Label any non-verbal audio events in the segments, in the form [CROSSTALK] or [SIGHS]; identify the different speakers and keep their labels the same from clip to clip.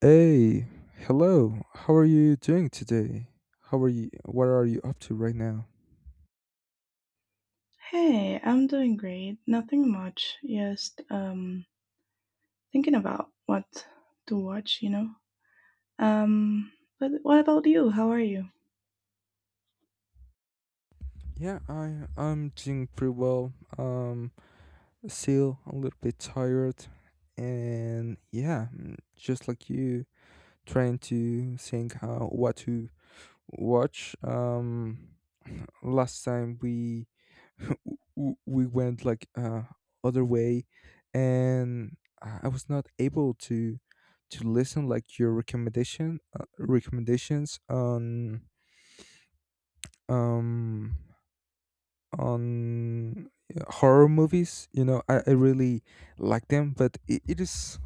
Speaker 1: Hey, hello. How are you doing today? How are you? What are you up to right now?
Speaker 2: Hey, I'm doing great. Nothing much. Just thinking about what to watch. Um but what about you? How are you?
Speaker 1: Yeah, I'm doing pretty well. Um, still a little bit tired, and yeah, just like you, trying to think how what to watch. [CLEARS THROAT] Last time we [LAUGHS] w- we went like other way, and I was not able to listen like your uh, recommendations on um on yeah, horror movies. You know, I really like them, but it is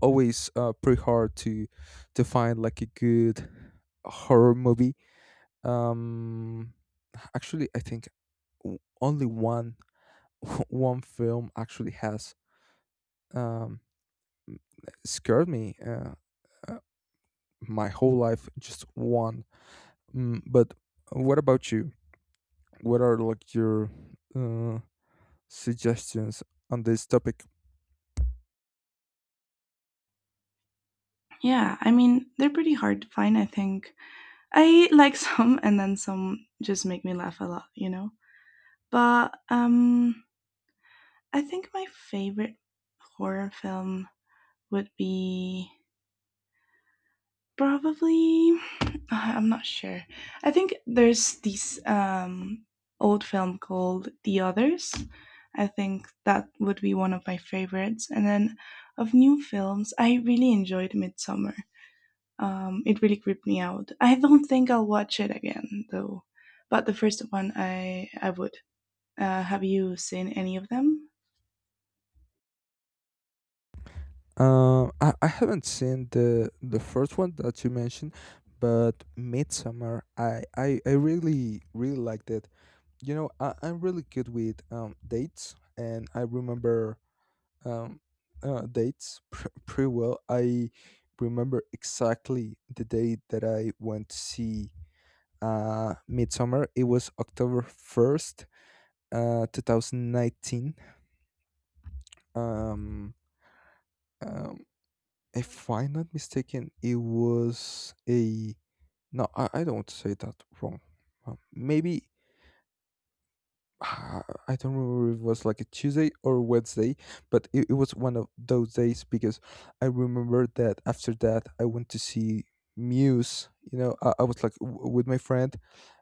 Speaker 1: always pretty hard to find like a good horror movie. um Actually, I think o- only one [LAUGHS] one film actually has um, scared me uh, my whole life. Just one. But what about you? What are like your uh, suggestions on this topic?
Speaker 2: Yeah, I mean, they're pretty hard to find, I think. I like [LAUGHS] some and then some just make me laugh a lot. But I think my favorite horror film would be Probably, uh, I'm not sure. I think there's this old film called The Others. I think that would be one of my favorites. And then of new films, I really enjoyed Midsummer. It really creeped me out. I don't think I'll watch it again though, but the first one I would. Have you seen any of them?
Speaker 1: I haven't seen the first one that you mentioned, but Midsummer, I really really liked it. You know, I'm really good with dates, and I remember um, dates [LAUGHS] pretty well. I remember exactly the day that I went to see Midsummer. It was October 1st, 2019. Um, um, if I'm not mistaken, it was a. No, I don't want to say that wrong. Maybe I I don't remember if it was like a Tuesday or Wednesday, but it was one of those days because I remember that after that I went to see Muse. You know, I was like with my friend.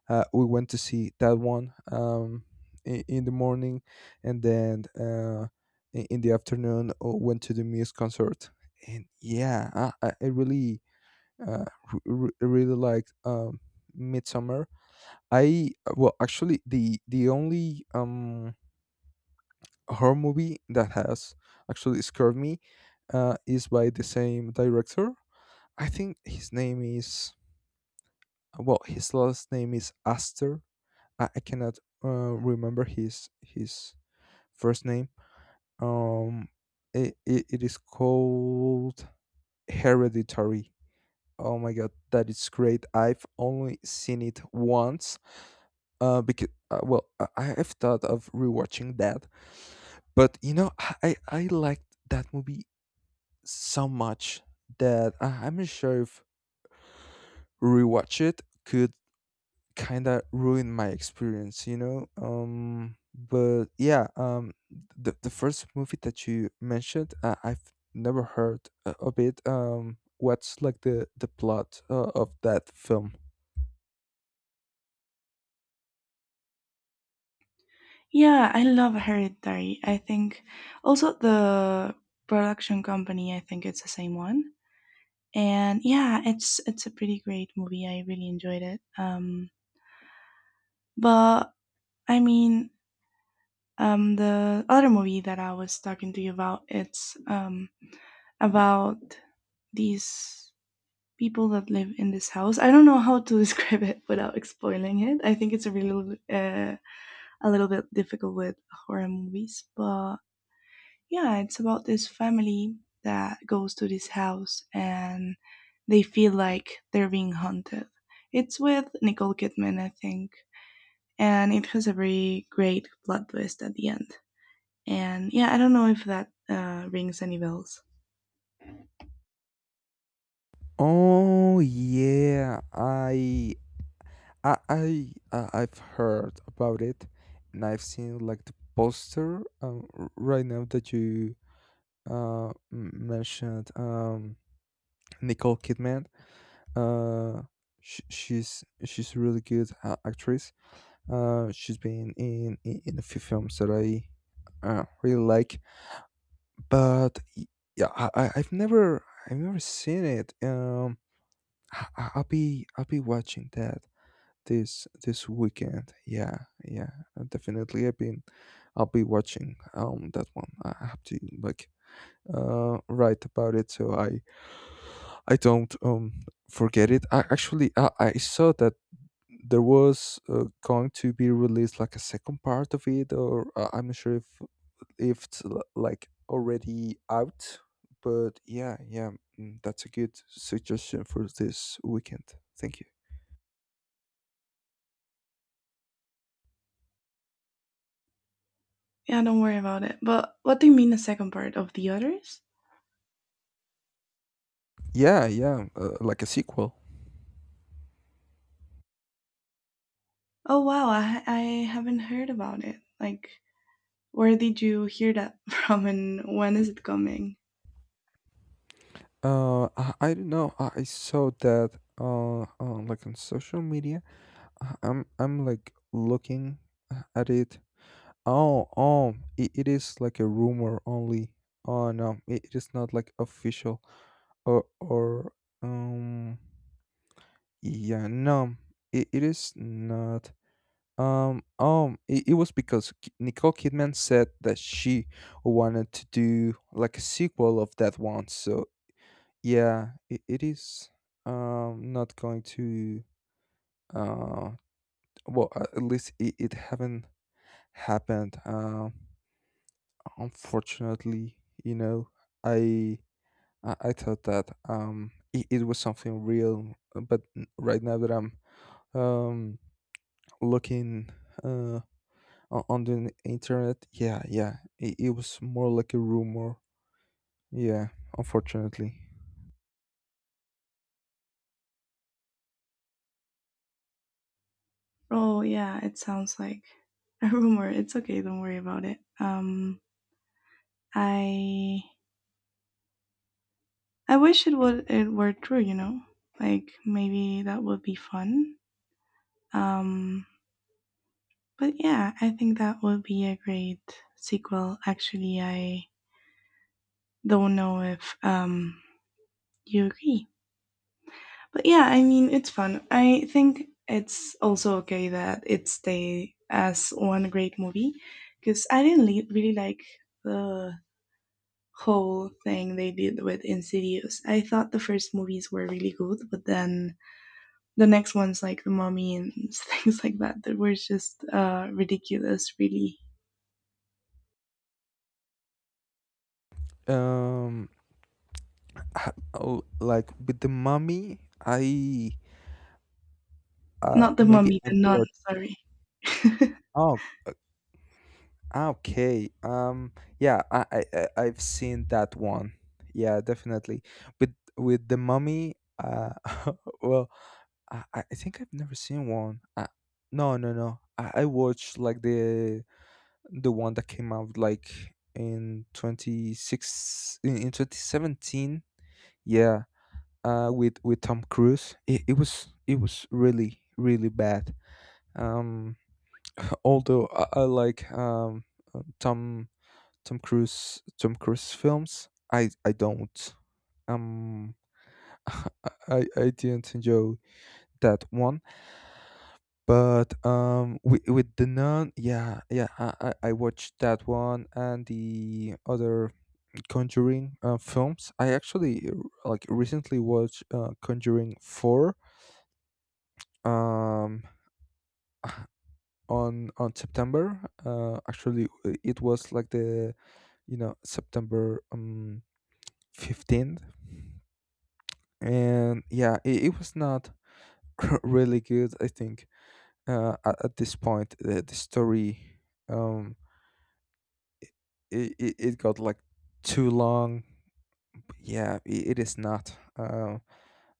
Speaker 1: We went to see that one, in the morning, and then in the afternoon, went to the Muse concert. And yeah, I really, uh, really liked Midsummer. I Well, actually, the only horror movie that has actually scared me is by the same director. I think his name is, well, his last name is Aster. I cannot remember his first name. Um, it is called Hereditary. Oh my god, that is great! I've only seen it once. Because I have thought of rewatching that, but you know, I liked that movie so much that I'm not sure if rewatch it could kind of ruin my experience, you know. But yeah, the first movie that you mentioned, I've never heard of it. What's like the plot of that film?
Speaker 2: Yeah, I love Hereditary. I think also the production company. I think it's the same one, and yeah, it's a pretty great movie. I really enjoyed it. But i mean the other movie that I was talking to you about, it's about these people that live in this house. I don't know how to [LAUGHS] describe it without spoiling it. I think it's a really a little bit difficult with horror movies. But yeah, it's about this family that goes to this house and they feel like they're being haunted. It's with Nicole Kidman, I think, and it has a very great plot twist at the end. And yeah, I don't know if that rings any bells.
Speaker 1: Oh yeah, I've heard about it, and I've seen like the poster, right now that you mentioned Nicole Kidman. Uh, she's a really good actress. She's been in a few films that I really like, but yeah, I've never seen it. I'll be watching that this weekend. Yeah, yeah, definitely. I'll be watching that one. I have to like write about it so I don't forget it. I actually I saw that there was going to be released like a second part of it, or I'm not sure if it's like already out. But yeah, yeah, that's a good suggestion for this weekend. Thank you.
Speaker 2: Yeah, don't worry about it. But what do you mean the second part of The Others?
Speaker 1: Yeah, yeah, like a sequel.
Speaker 2: Oh wow, I haven't heard about it. Like, where did you hear that [LAUGHS] from, and when is it coming?
Speaker 1: I don't know. I saw that, like, on social media. I'm like looking, at it. Oh, oh, it is like a rumor only. Oh no, it is not like official, or um yeah no, it is not. It was because Nicole Kidman said that she wanted to do like a sequel of that one. So yeah, it is not going to, uh at least it haven't happened. Unfortunately, you know, I I thought that it was something real, but right now that I'm um looking, uh on the internet, yeah, yeah, it was more like a rumor. Yeah, unfortunately.
Speaker 2: Oh yeah, it sounds like a rumor. It's okay. Don't worry about it. I I wish it would, it were true. You know, like maybe that would be fun. Um, but yeah, I think that would be a great sequel. Actually, I don't know if you agree. But yeah, I mean, it's fun. I think it's also okay that it stay as one great movie, because I didn't really like the whole thing they did with Insidious. I thought the first movies were really good, but then the next ones like The Mummy and [LAUGHS] things like that that were just ridiculous. Really,
Speaker 1: Um, like with the mummy, I
Speaker 2: not The
Speaker 1: maybe
Speaker 2: Mummy,
Speaker 1: I've
Speaker 2: The Nun.
Speaker 1: watched.
Speaker 2: Sorry. [LAUGHS]
Speaker 1: Oh. Okay. Yeah. I've seen that one. Yeah. Definitely. With the mummy. [LAUGHS] Well, I think I've never seen one. No. No. No. I watched like the one that came out like in 2017. Yeah. With Tom Cruise. It was really really bad. Um. [LAUGHS] Although I like Tom Tom Cruise films. I don't. Um I didn't enjoy that one. But with the nun, yeah, yeah, I watched that one and the other Conjuring films. I actually, like, recently watched, Conjuring 4, um on September. Actually, it was like the you know September 15th, and yeah it was not [LAUGHS] really good, I think. At this point, the story, um it got like too long. Yeah, it is not,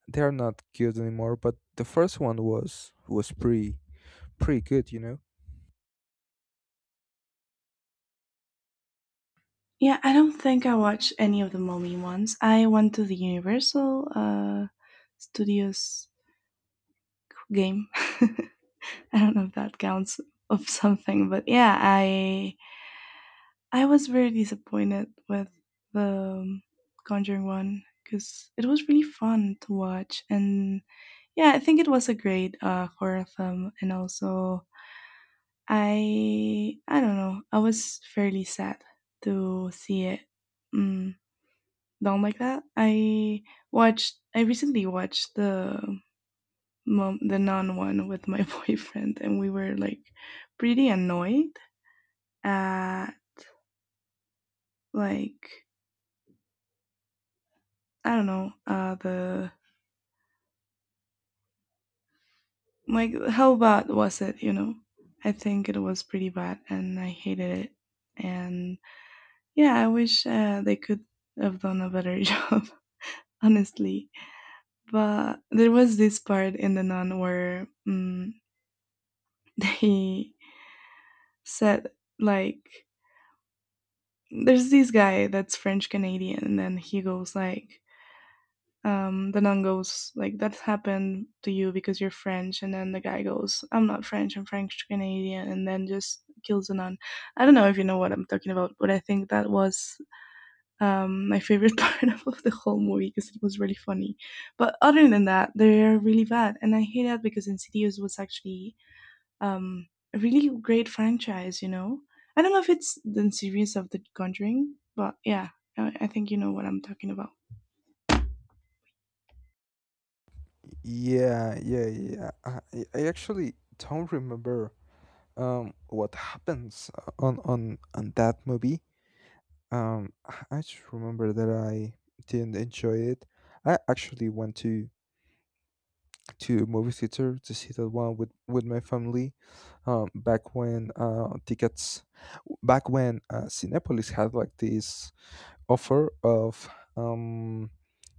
Speaker 1: they're not good anymore, but the first one was pretty good, you know.
Speaker 2: Yeah, I don't think I watched any of the Mummy ones. I went to the Universal Studios game. [LAUGHS] I don't know if that counts of something, but yeah, I was very disappointed with the um, Conjuring one, because it was really fun to watch, and yeah, I think it was a great horror film. And also, I don't know, I was fairly sad to see it mm, down like that. I recently watched the mom, the non one with my [LAUGHS] boyfriend, and we were like pretty annoyed at like I don't know, the like how bad was it? You know, I think it was pretty bad, and I hated it. And yeah, I wish they could have done a better [LAUGHS] job, honestly. But there was this part in the non where [LAUGHS] they said like there's this guy that's French Canadian, and then he goes like, the nun goes like, that happened to you because you're French. And then the guy goes, I'm not French, I'm French Canadian, and then just kills the nun. I don't know if you know what I'm talking about, but I think that was, my favorite [LAUGHS] part of the whole movie, because it was really funny. But other than that, they're really bad, and I hate that because Insidious was actually um, a really great franchise, you know. I don't know if it's the series of the Conjuring, but yeah, I think you know what I'm talking about.
Speaker 1: Yeah, yeah, yeah, I actually don't remember what happens on that movie. Um, I just remember that I didn't enjoy it. I actually went to a movie theater to see that one with my family, back when Cinepolis had like this offer of um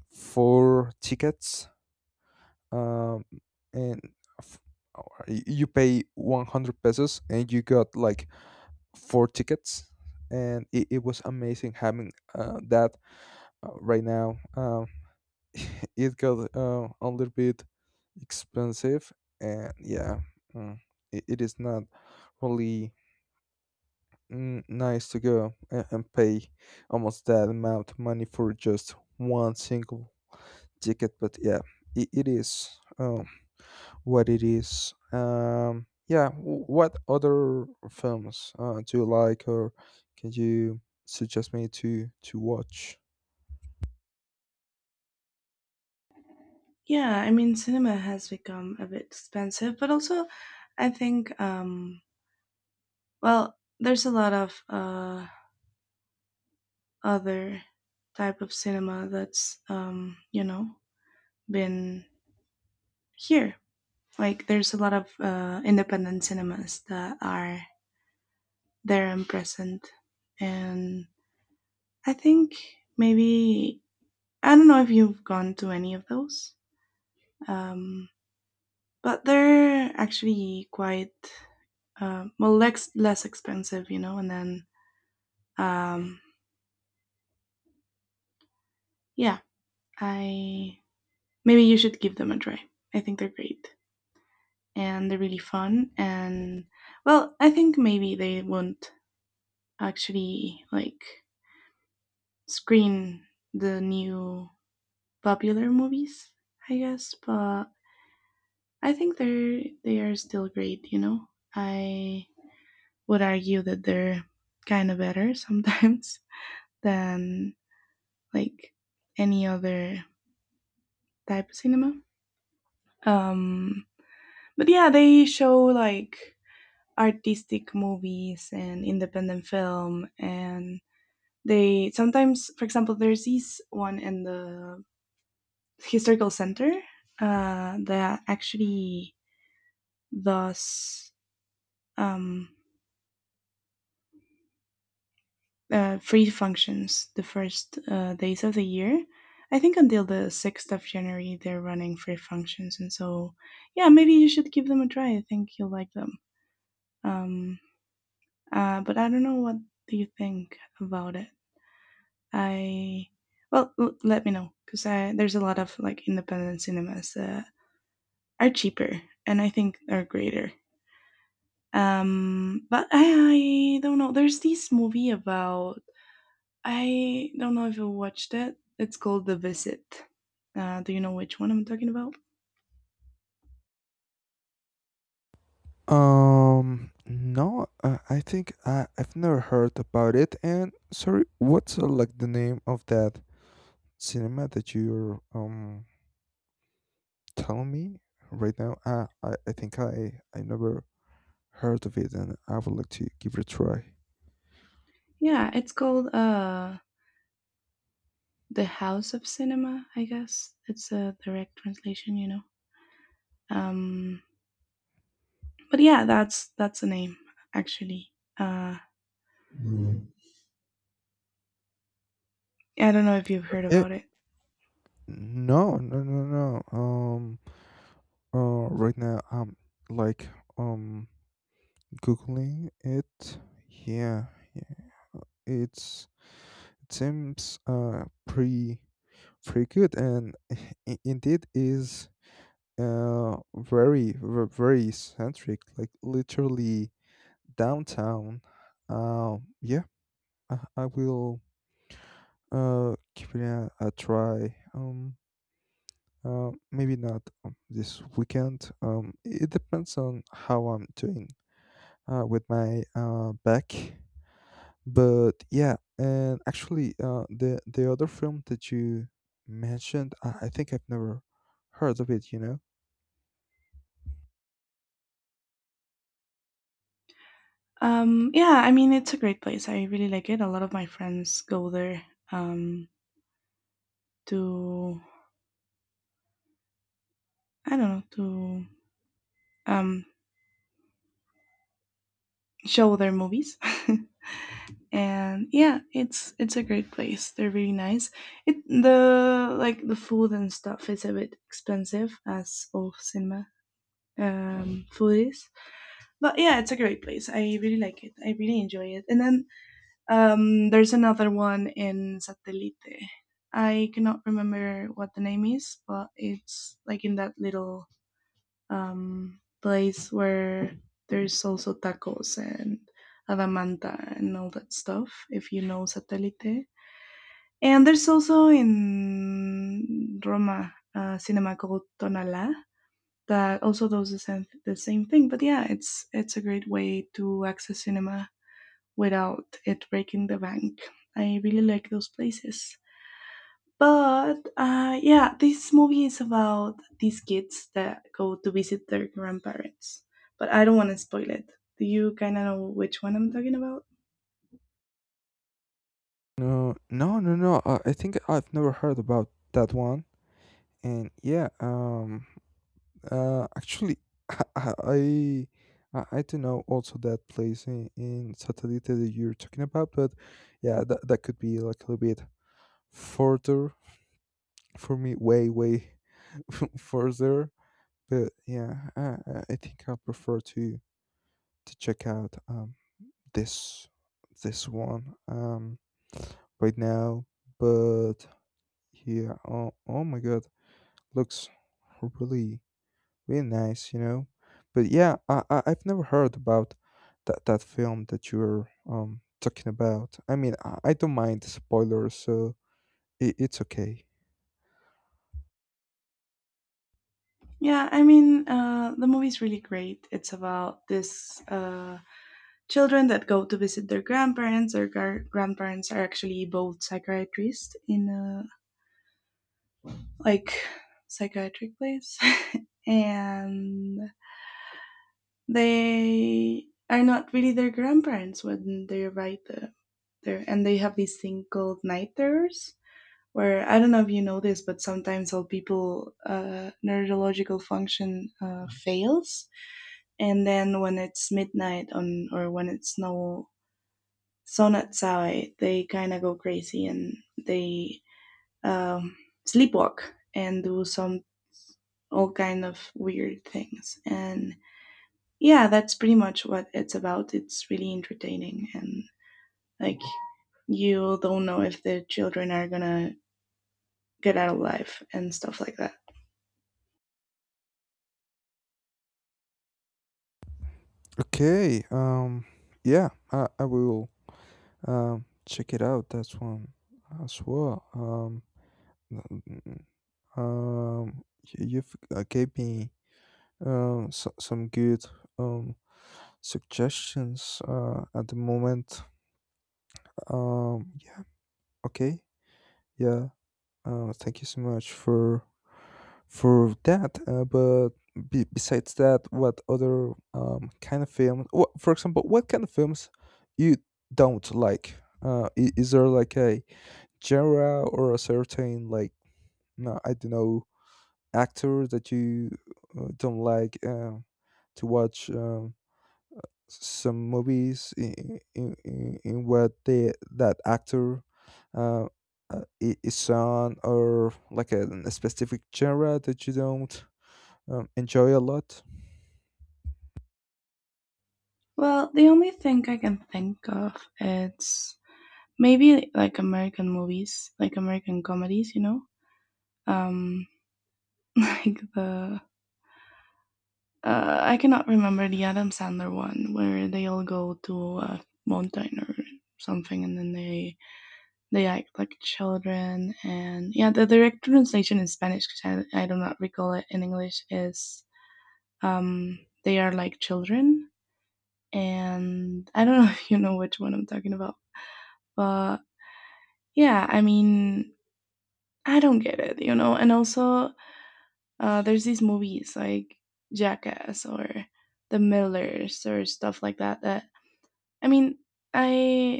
Speaker 1: four tickets, um, and f- you pay 100 pesos and you got like four tickets, and it was amazing having that right now. [LAUGHS] It got a little bit expensive, and yeah, mm, it is not really, nice to go and pay almost that amount of money for just one single ticket. But yeah, it is, what it is. Yeah, what other films do you like, or can you suggest me to watch?
Speaker 2: Yeah, I mean, cinema has become a bit expensive, but also, I think, well, there's a lot of other type of cinema that's, you know, been here. Like, there's a lot of independent cinemas that are there and present. And I think maybe, I don't know if you've gone to any of those, um, but they're actually quite well, less expensive, you know. And then um, yeah, I maybe you should give them a try. I think they're great and they're really fun. And well, I think maybe they won't actually like screen the new popular movies, I guess, but I think they are still great, you know. I would argue that they're kind of better sometimes [LAUGHS] than like any other type of cinema. Um but yeah, they show like artistic movies and independent film. And they sometimes, for example, there's this one in the historical center that actually does um free functions the first days of the year. I think until the 6th of January, they're running free functions. And so, yeah, maybe you should give them a try. I think you'll like them. Um, but I don't know what do you think about it. I, well, let me know, because there's a lot of like independent cinemas that are cheaper, and I think are greater. But I don't know. There's this movie about, I don't know if you watched it. It's called The Visit. Do you know which one I'm talking about?
Speaker 1: No, I think I've never heard about it. And sorry, what's, like, the name of that cinema that you're telling me right now? I think I never heard of it, and I would like to give it a try.
Speaker 2: Yeah, it's called The House of Cinema, I guess. It's a direct translation, you know. Um, but yeah, that's the name actually. Uh, I don't know if you've heard
Speaker 1: Okay.
Speaker 2: about it.
Speaker 1: No, no, no, no. Right now I'm, like, um googling it. Yeah, yeah. It's it seems, pretty good, and [LAUGHS] indeed is very very centric, like literally downtown. Yeah, I will give it a try. Maybe not, this weekend. It depends on how I'm doing, with my, back. But yeah, and actually, the other film that you mentioned, I think I've never heard of it. You know?
Speaker 2: Yeah, I mean it's a great place. I really like it. A lot of my friends go there um, to, I don't know, to um, show their movies. [LAUGHS] And yeah, it's a great place. They're really nice. It the like the food and stuff is a bit expensive, as all cinema food is. But yeah, it's a great place. I really like it. I really enjoy it. And then there's another one in Satellite. I cannot remember what the name is, but it's like in that little place where there's also tacos and Adamanta and all that stuff, if you know Satellite. And there's also in Roma a cinema called Tonalá that also does the same thing. But yeah, it's a great way to access cinema without it breaking the bank. I really like those places. But yeah, this movie is about these kids that go to visit their grandparents. But I don't want to spoil it. Do you kind of know which one I'm talking about?
Speaker 1: No, no, no, no. I think I've never heard about that one. And yeah, actually, [LAUGHS] I, I, I do know also that place in Satellite that you're talking about. But yeah, that could be like a little bit further for me, way, way [LAUGHS] further. But yeah, I think I prefer to check out, this this one, right now. But yeah, oh my god, looks really really nice, you know. But yeah, I've never heard about that film that you're talking about. I mean, I don't mind the spoilers, so it's okay.
Speaker 2: Yeah, I mean, the movie's really great. It's about this children that go to visit their grandparents. Their grandparents are actually both psychiatrists in a like psychiatric place, [LAUGHS] and they are not really their grandparents. When they arrive there, and they have this thing called night terrors. Where I don't know if you know this, but sometimes all people neurological function fails, and then when it's midnight on, or when it's no sun outside, they kind of go crazy and they um, sleepwalk and do some, all kind of weird things. And yeah, that's pretty much what it's about. It's really entertaining, and like, you don't know if the children are gonna get out of life and stuff like that.
Speaker 1: Okay, yeah, I will check it out. That's one as well. N- you've gave me, some good, um suggestions at the moment. Yeah. Okay. Yeah. Thank you so much for that. But besides that, what other kind of films? What, for example, what kind of films you don't like? Is there like a genre or a certain like, no, I don't know, actor that you don't like to watch, some movies in what they that actor uh, is on, or like a specific genre that you don't enjoy a lot.
Speaker 2: Well, the only thing I can think of, it's maybe like American movies, like American comedies, you know, um, [LAUGHS] like the I cannot remember the Adam Sandler one where they all go to a mountain or something, and then they act like children. And yeah, the direct translation in Spanish, because I do not recall it in English, is um, they are like children. And I don't [LAUGHS] know if you know which one I'm talking about, but yeah, I mean, I don't get it, you know. And also, there's these movies like Jackass or The Millers or stuff like that that, I mean, I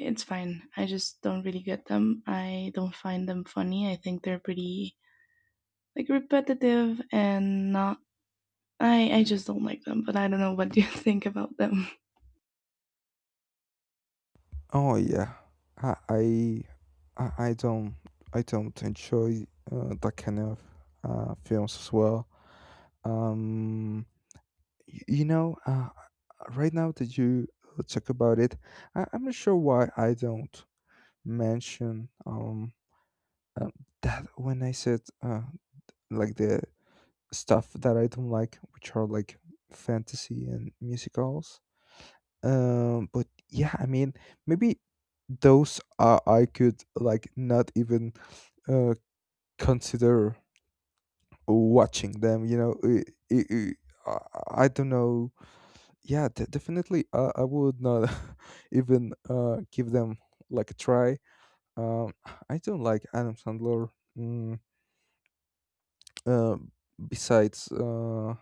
Speaker 2: it's fine. I just don't really get them. I don't find them funny. I think they're pretty like repetitive and not, I just don't like them, but I don't know what you [LAUGHS] think about them. [LAUGHS]
Speaker 1: Oh yeah, i i, I don't, I don't enjoy that kind of films as well. um you know, right now that you talk about it, I'm not sure why I don't mention um, that when I said like the stuff that I don't like, which are like fantasy and musicals. But yeah, I mean, maybe those, I could like not even uh consider watching them, you know. I i i I- I don't know. Yeah, definitely I would not [LAUGHS] even give them like a try. um I don't like Adam Sandler. mm, uh, Besides uh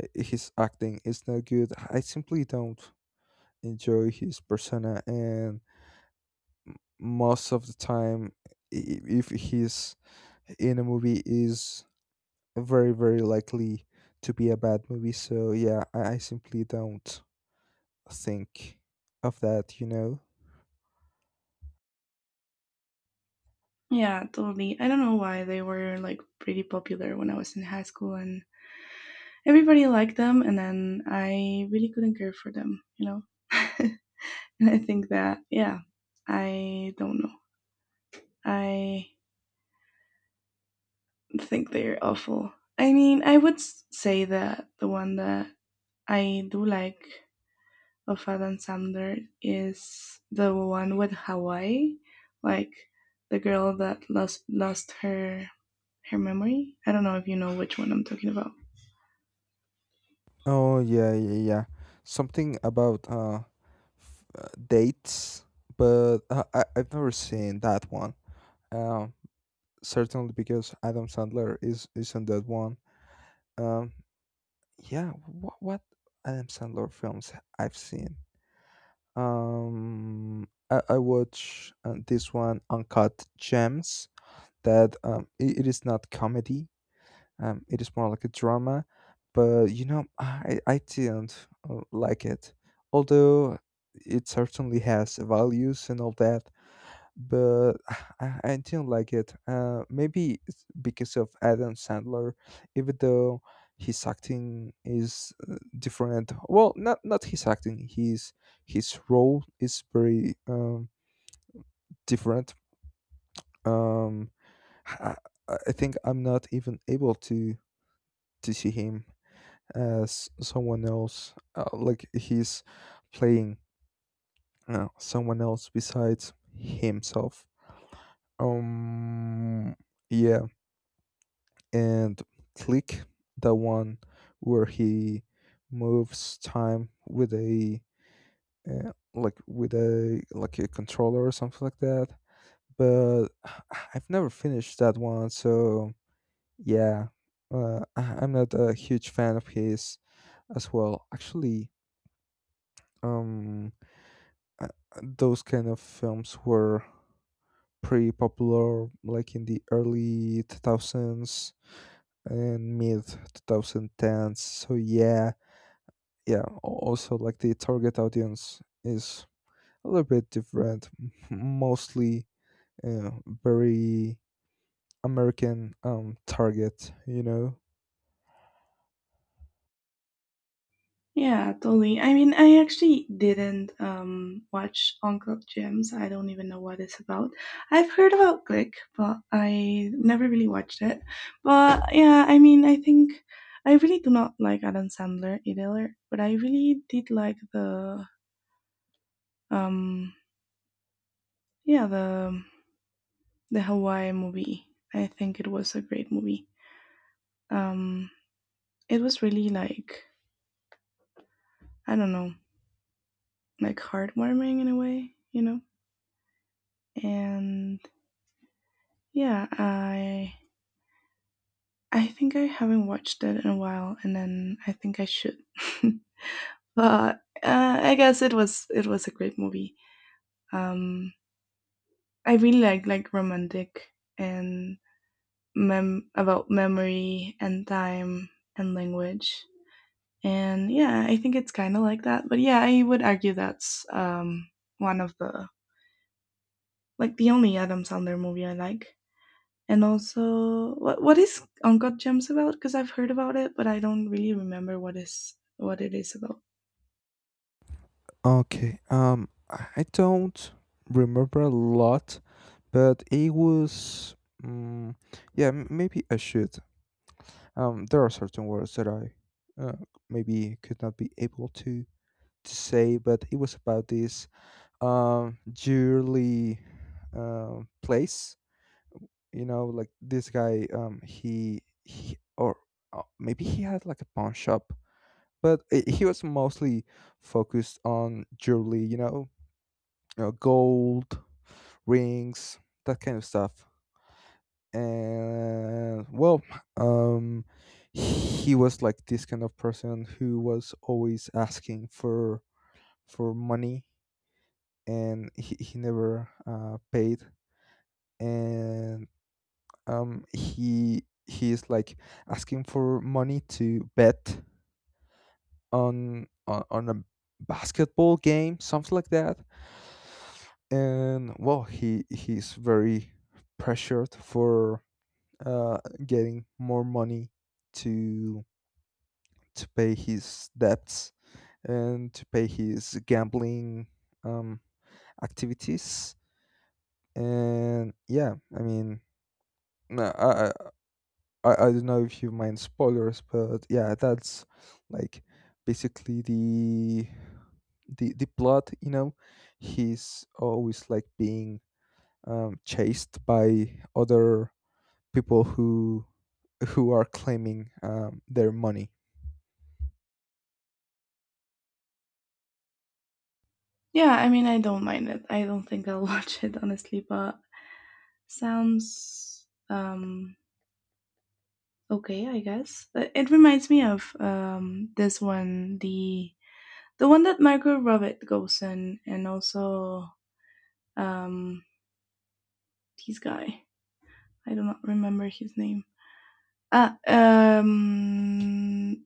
Speaker 1: h- his acting is not good, I simply don't enjoy his persona, and most of the time, if he's in a movie, is very very likely to be a bad movie. So yeah, I simply don't think of that, you know.
Speaker 2: Yeah, totally. I don't know why they were like pretty popular when I was in high school and everybody liked them, and then I really couldn't care for them, you know. [LAUGHS] And I think that, yeah, I don't know. I think they're awful. I mean, I would say that the one that I do like of Adam Sandler is the one with Hawaii, like the girl that lost her, her memory. I don't know if you know which one I'm talking about.
Speaker 1: Oh yeah, yeah, yeah. Something about dates, but I've never seen that one. Um, Certainly because Adam Sandler is not that one. Um, yeah. What Adam Sandler films I've seen? I watch, this one, Uncut Gems. It is not comedy. It is more like a drama, but you know, I didn't like it. Although it certainly has values and all that, but [SIGHS] I didn't like it. Maybe it's because of Adam Sandler, even though his acting is, different. Well, not his acting. His role is very different. Um, I, I think I'm not even able to see him as someone else, like he's playing someone else besides himself. um yeah. And Click, the one where he moves time with a, like with a, like a controller or something like that. But [SIGHS] I've never finished that one, so yeah. I'm not a huge fan of his as well actually. um uh, those kind of films were pretty popular like in the early 2000s and mid 2010s, so yeah. Yeah, also like the target audience is a little bit different, mostly, uh, very American target, you know.
Speaker 2: Yeah, totally. I mean, I actually didn't watch Uncle Jim's. I don't even know what it's about. I've heard about Click, but I never really watched it. But yeah, I mean, I think I really do not like Adam Sandler either, but I really did like the um yeah, the Hawaii movie. I think it was a great movie. Um it was really like, I don't know, like heartwarming in a way, you know? And yeah, I think I haven't watched it in a while, and then I think I should. [LAUGHS] But I guess it was a great movie. Um, I really like romantic and mem about memory and time and language. And yeah, I think it's kind of like that. But yeah, I would argue that's one of the like the only Adam Sandler movie I like. And also, what is Uncle Gems about? Because I've heard about it, but I don't really remember what is what it is about.
Speaker 1: Okay, I don't remember a lot, but it was, mm yeah, maybe I should. Um, there are certain words that I uh, maybe could not be able to say, but it was about this jewelry place, you know, like this guy, he, or maybe he had like a pawn shop, but I he was mostly focused on jewelry, you know, you know, gold rings, that kind of stuff. And well, um, he was like this kind of person who was always asking for money, and he never paid. And um, he is like asking for money to bet on a basketball game, something like that. And well, he's very pressured for uh getting more money to to pay his debts and to pay his gambling um, activities. And yeah, I mean, no, I don't know if you mind spoilers, but yeah, that's like basically the plot. You know, he's always like being, chased by other people who are claiming, their money.
Speaker 2: Yeah, I mean, I don't mind it. I don't think I'll [LAUGHS] watch it honestly, but sounds okay, I guess. It reminds me of this one, the one that Marco Robbie goes in, and also um his guy. I do not remember his name. Ah, um,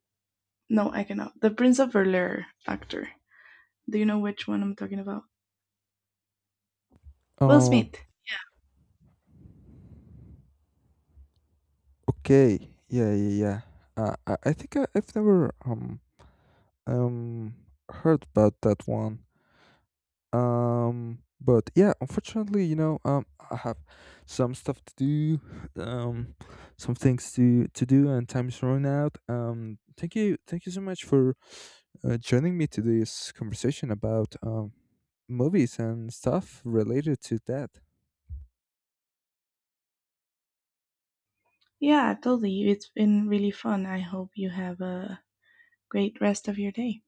Speaker 2: no, I cannot. The Prince of Bel Air actor. Do you know which one I'm talking about? Will
Speaker 1: Um,
Speaker 2: Smith.
Speaker 1: Okay. Yeah, yeah, yeah. I think I've never um heard about that one. But yeah, unfortunately, you know, I have some stuff to do, [LAUGHS] um, some things to do, and time's running out. Thank you so much for joining me to this conversation about, movies and stuff related to that.
Speaker 2: Yeah, totally. It's been really fun. I hope you have a great rest of your day.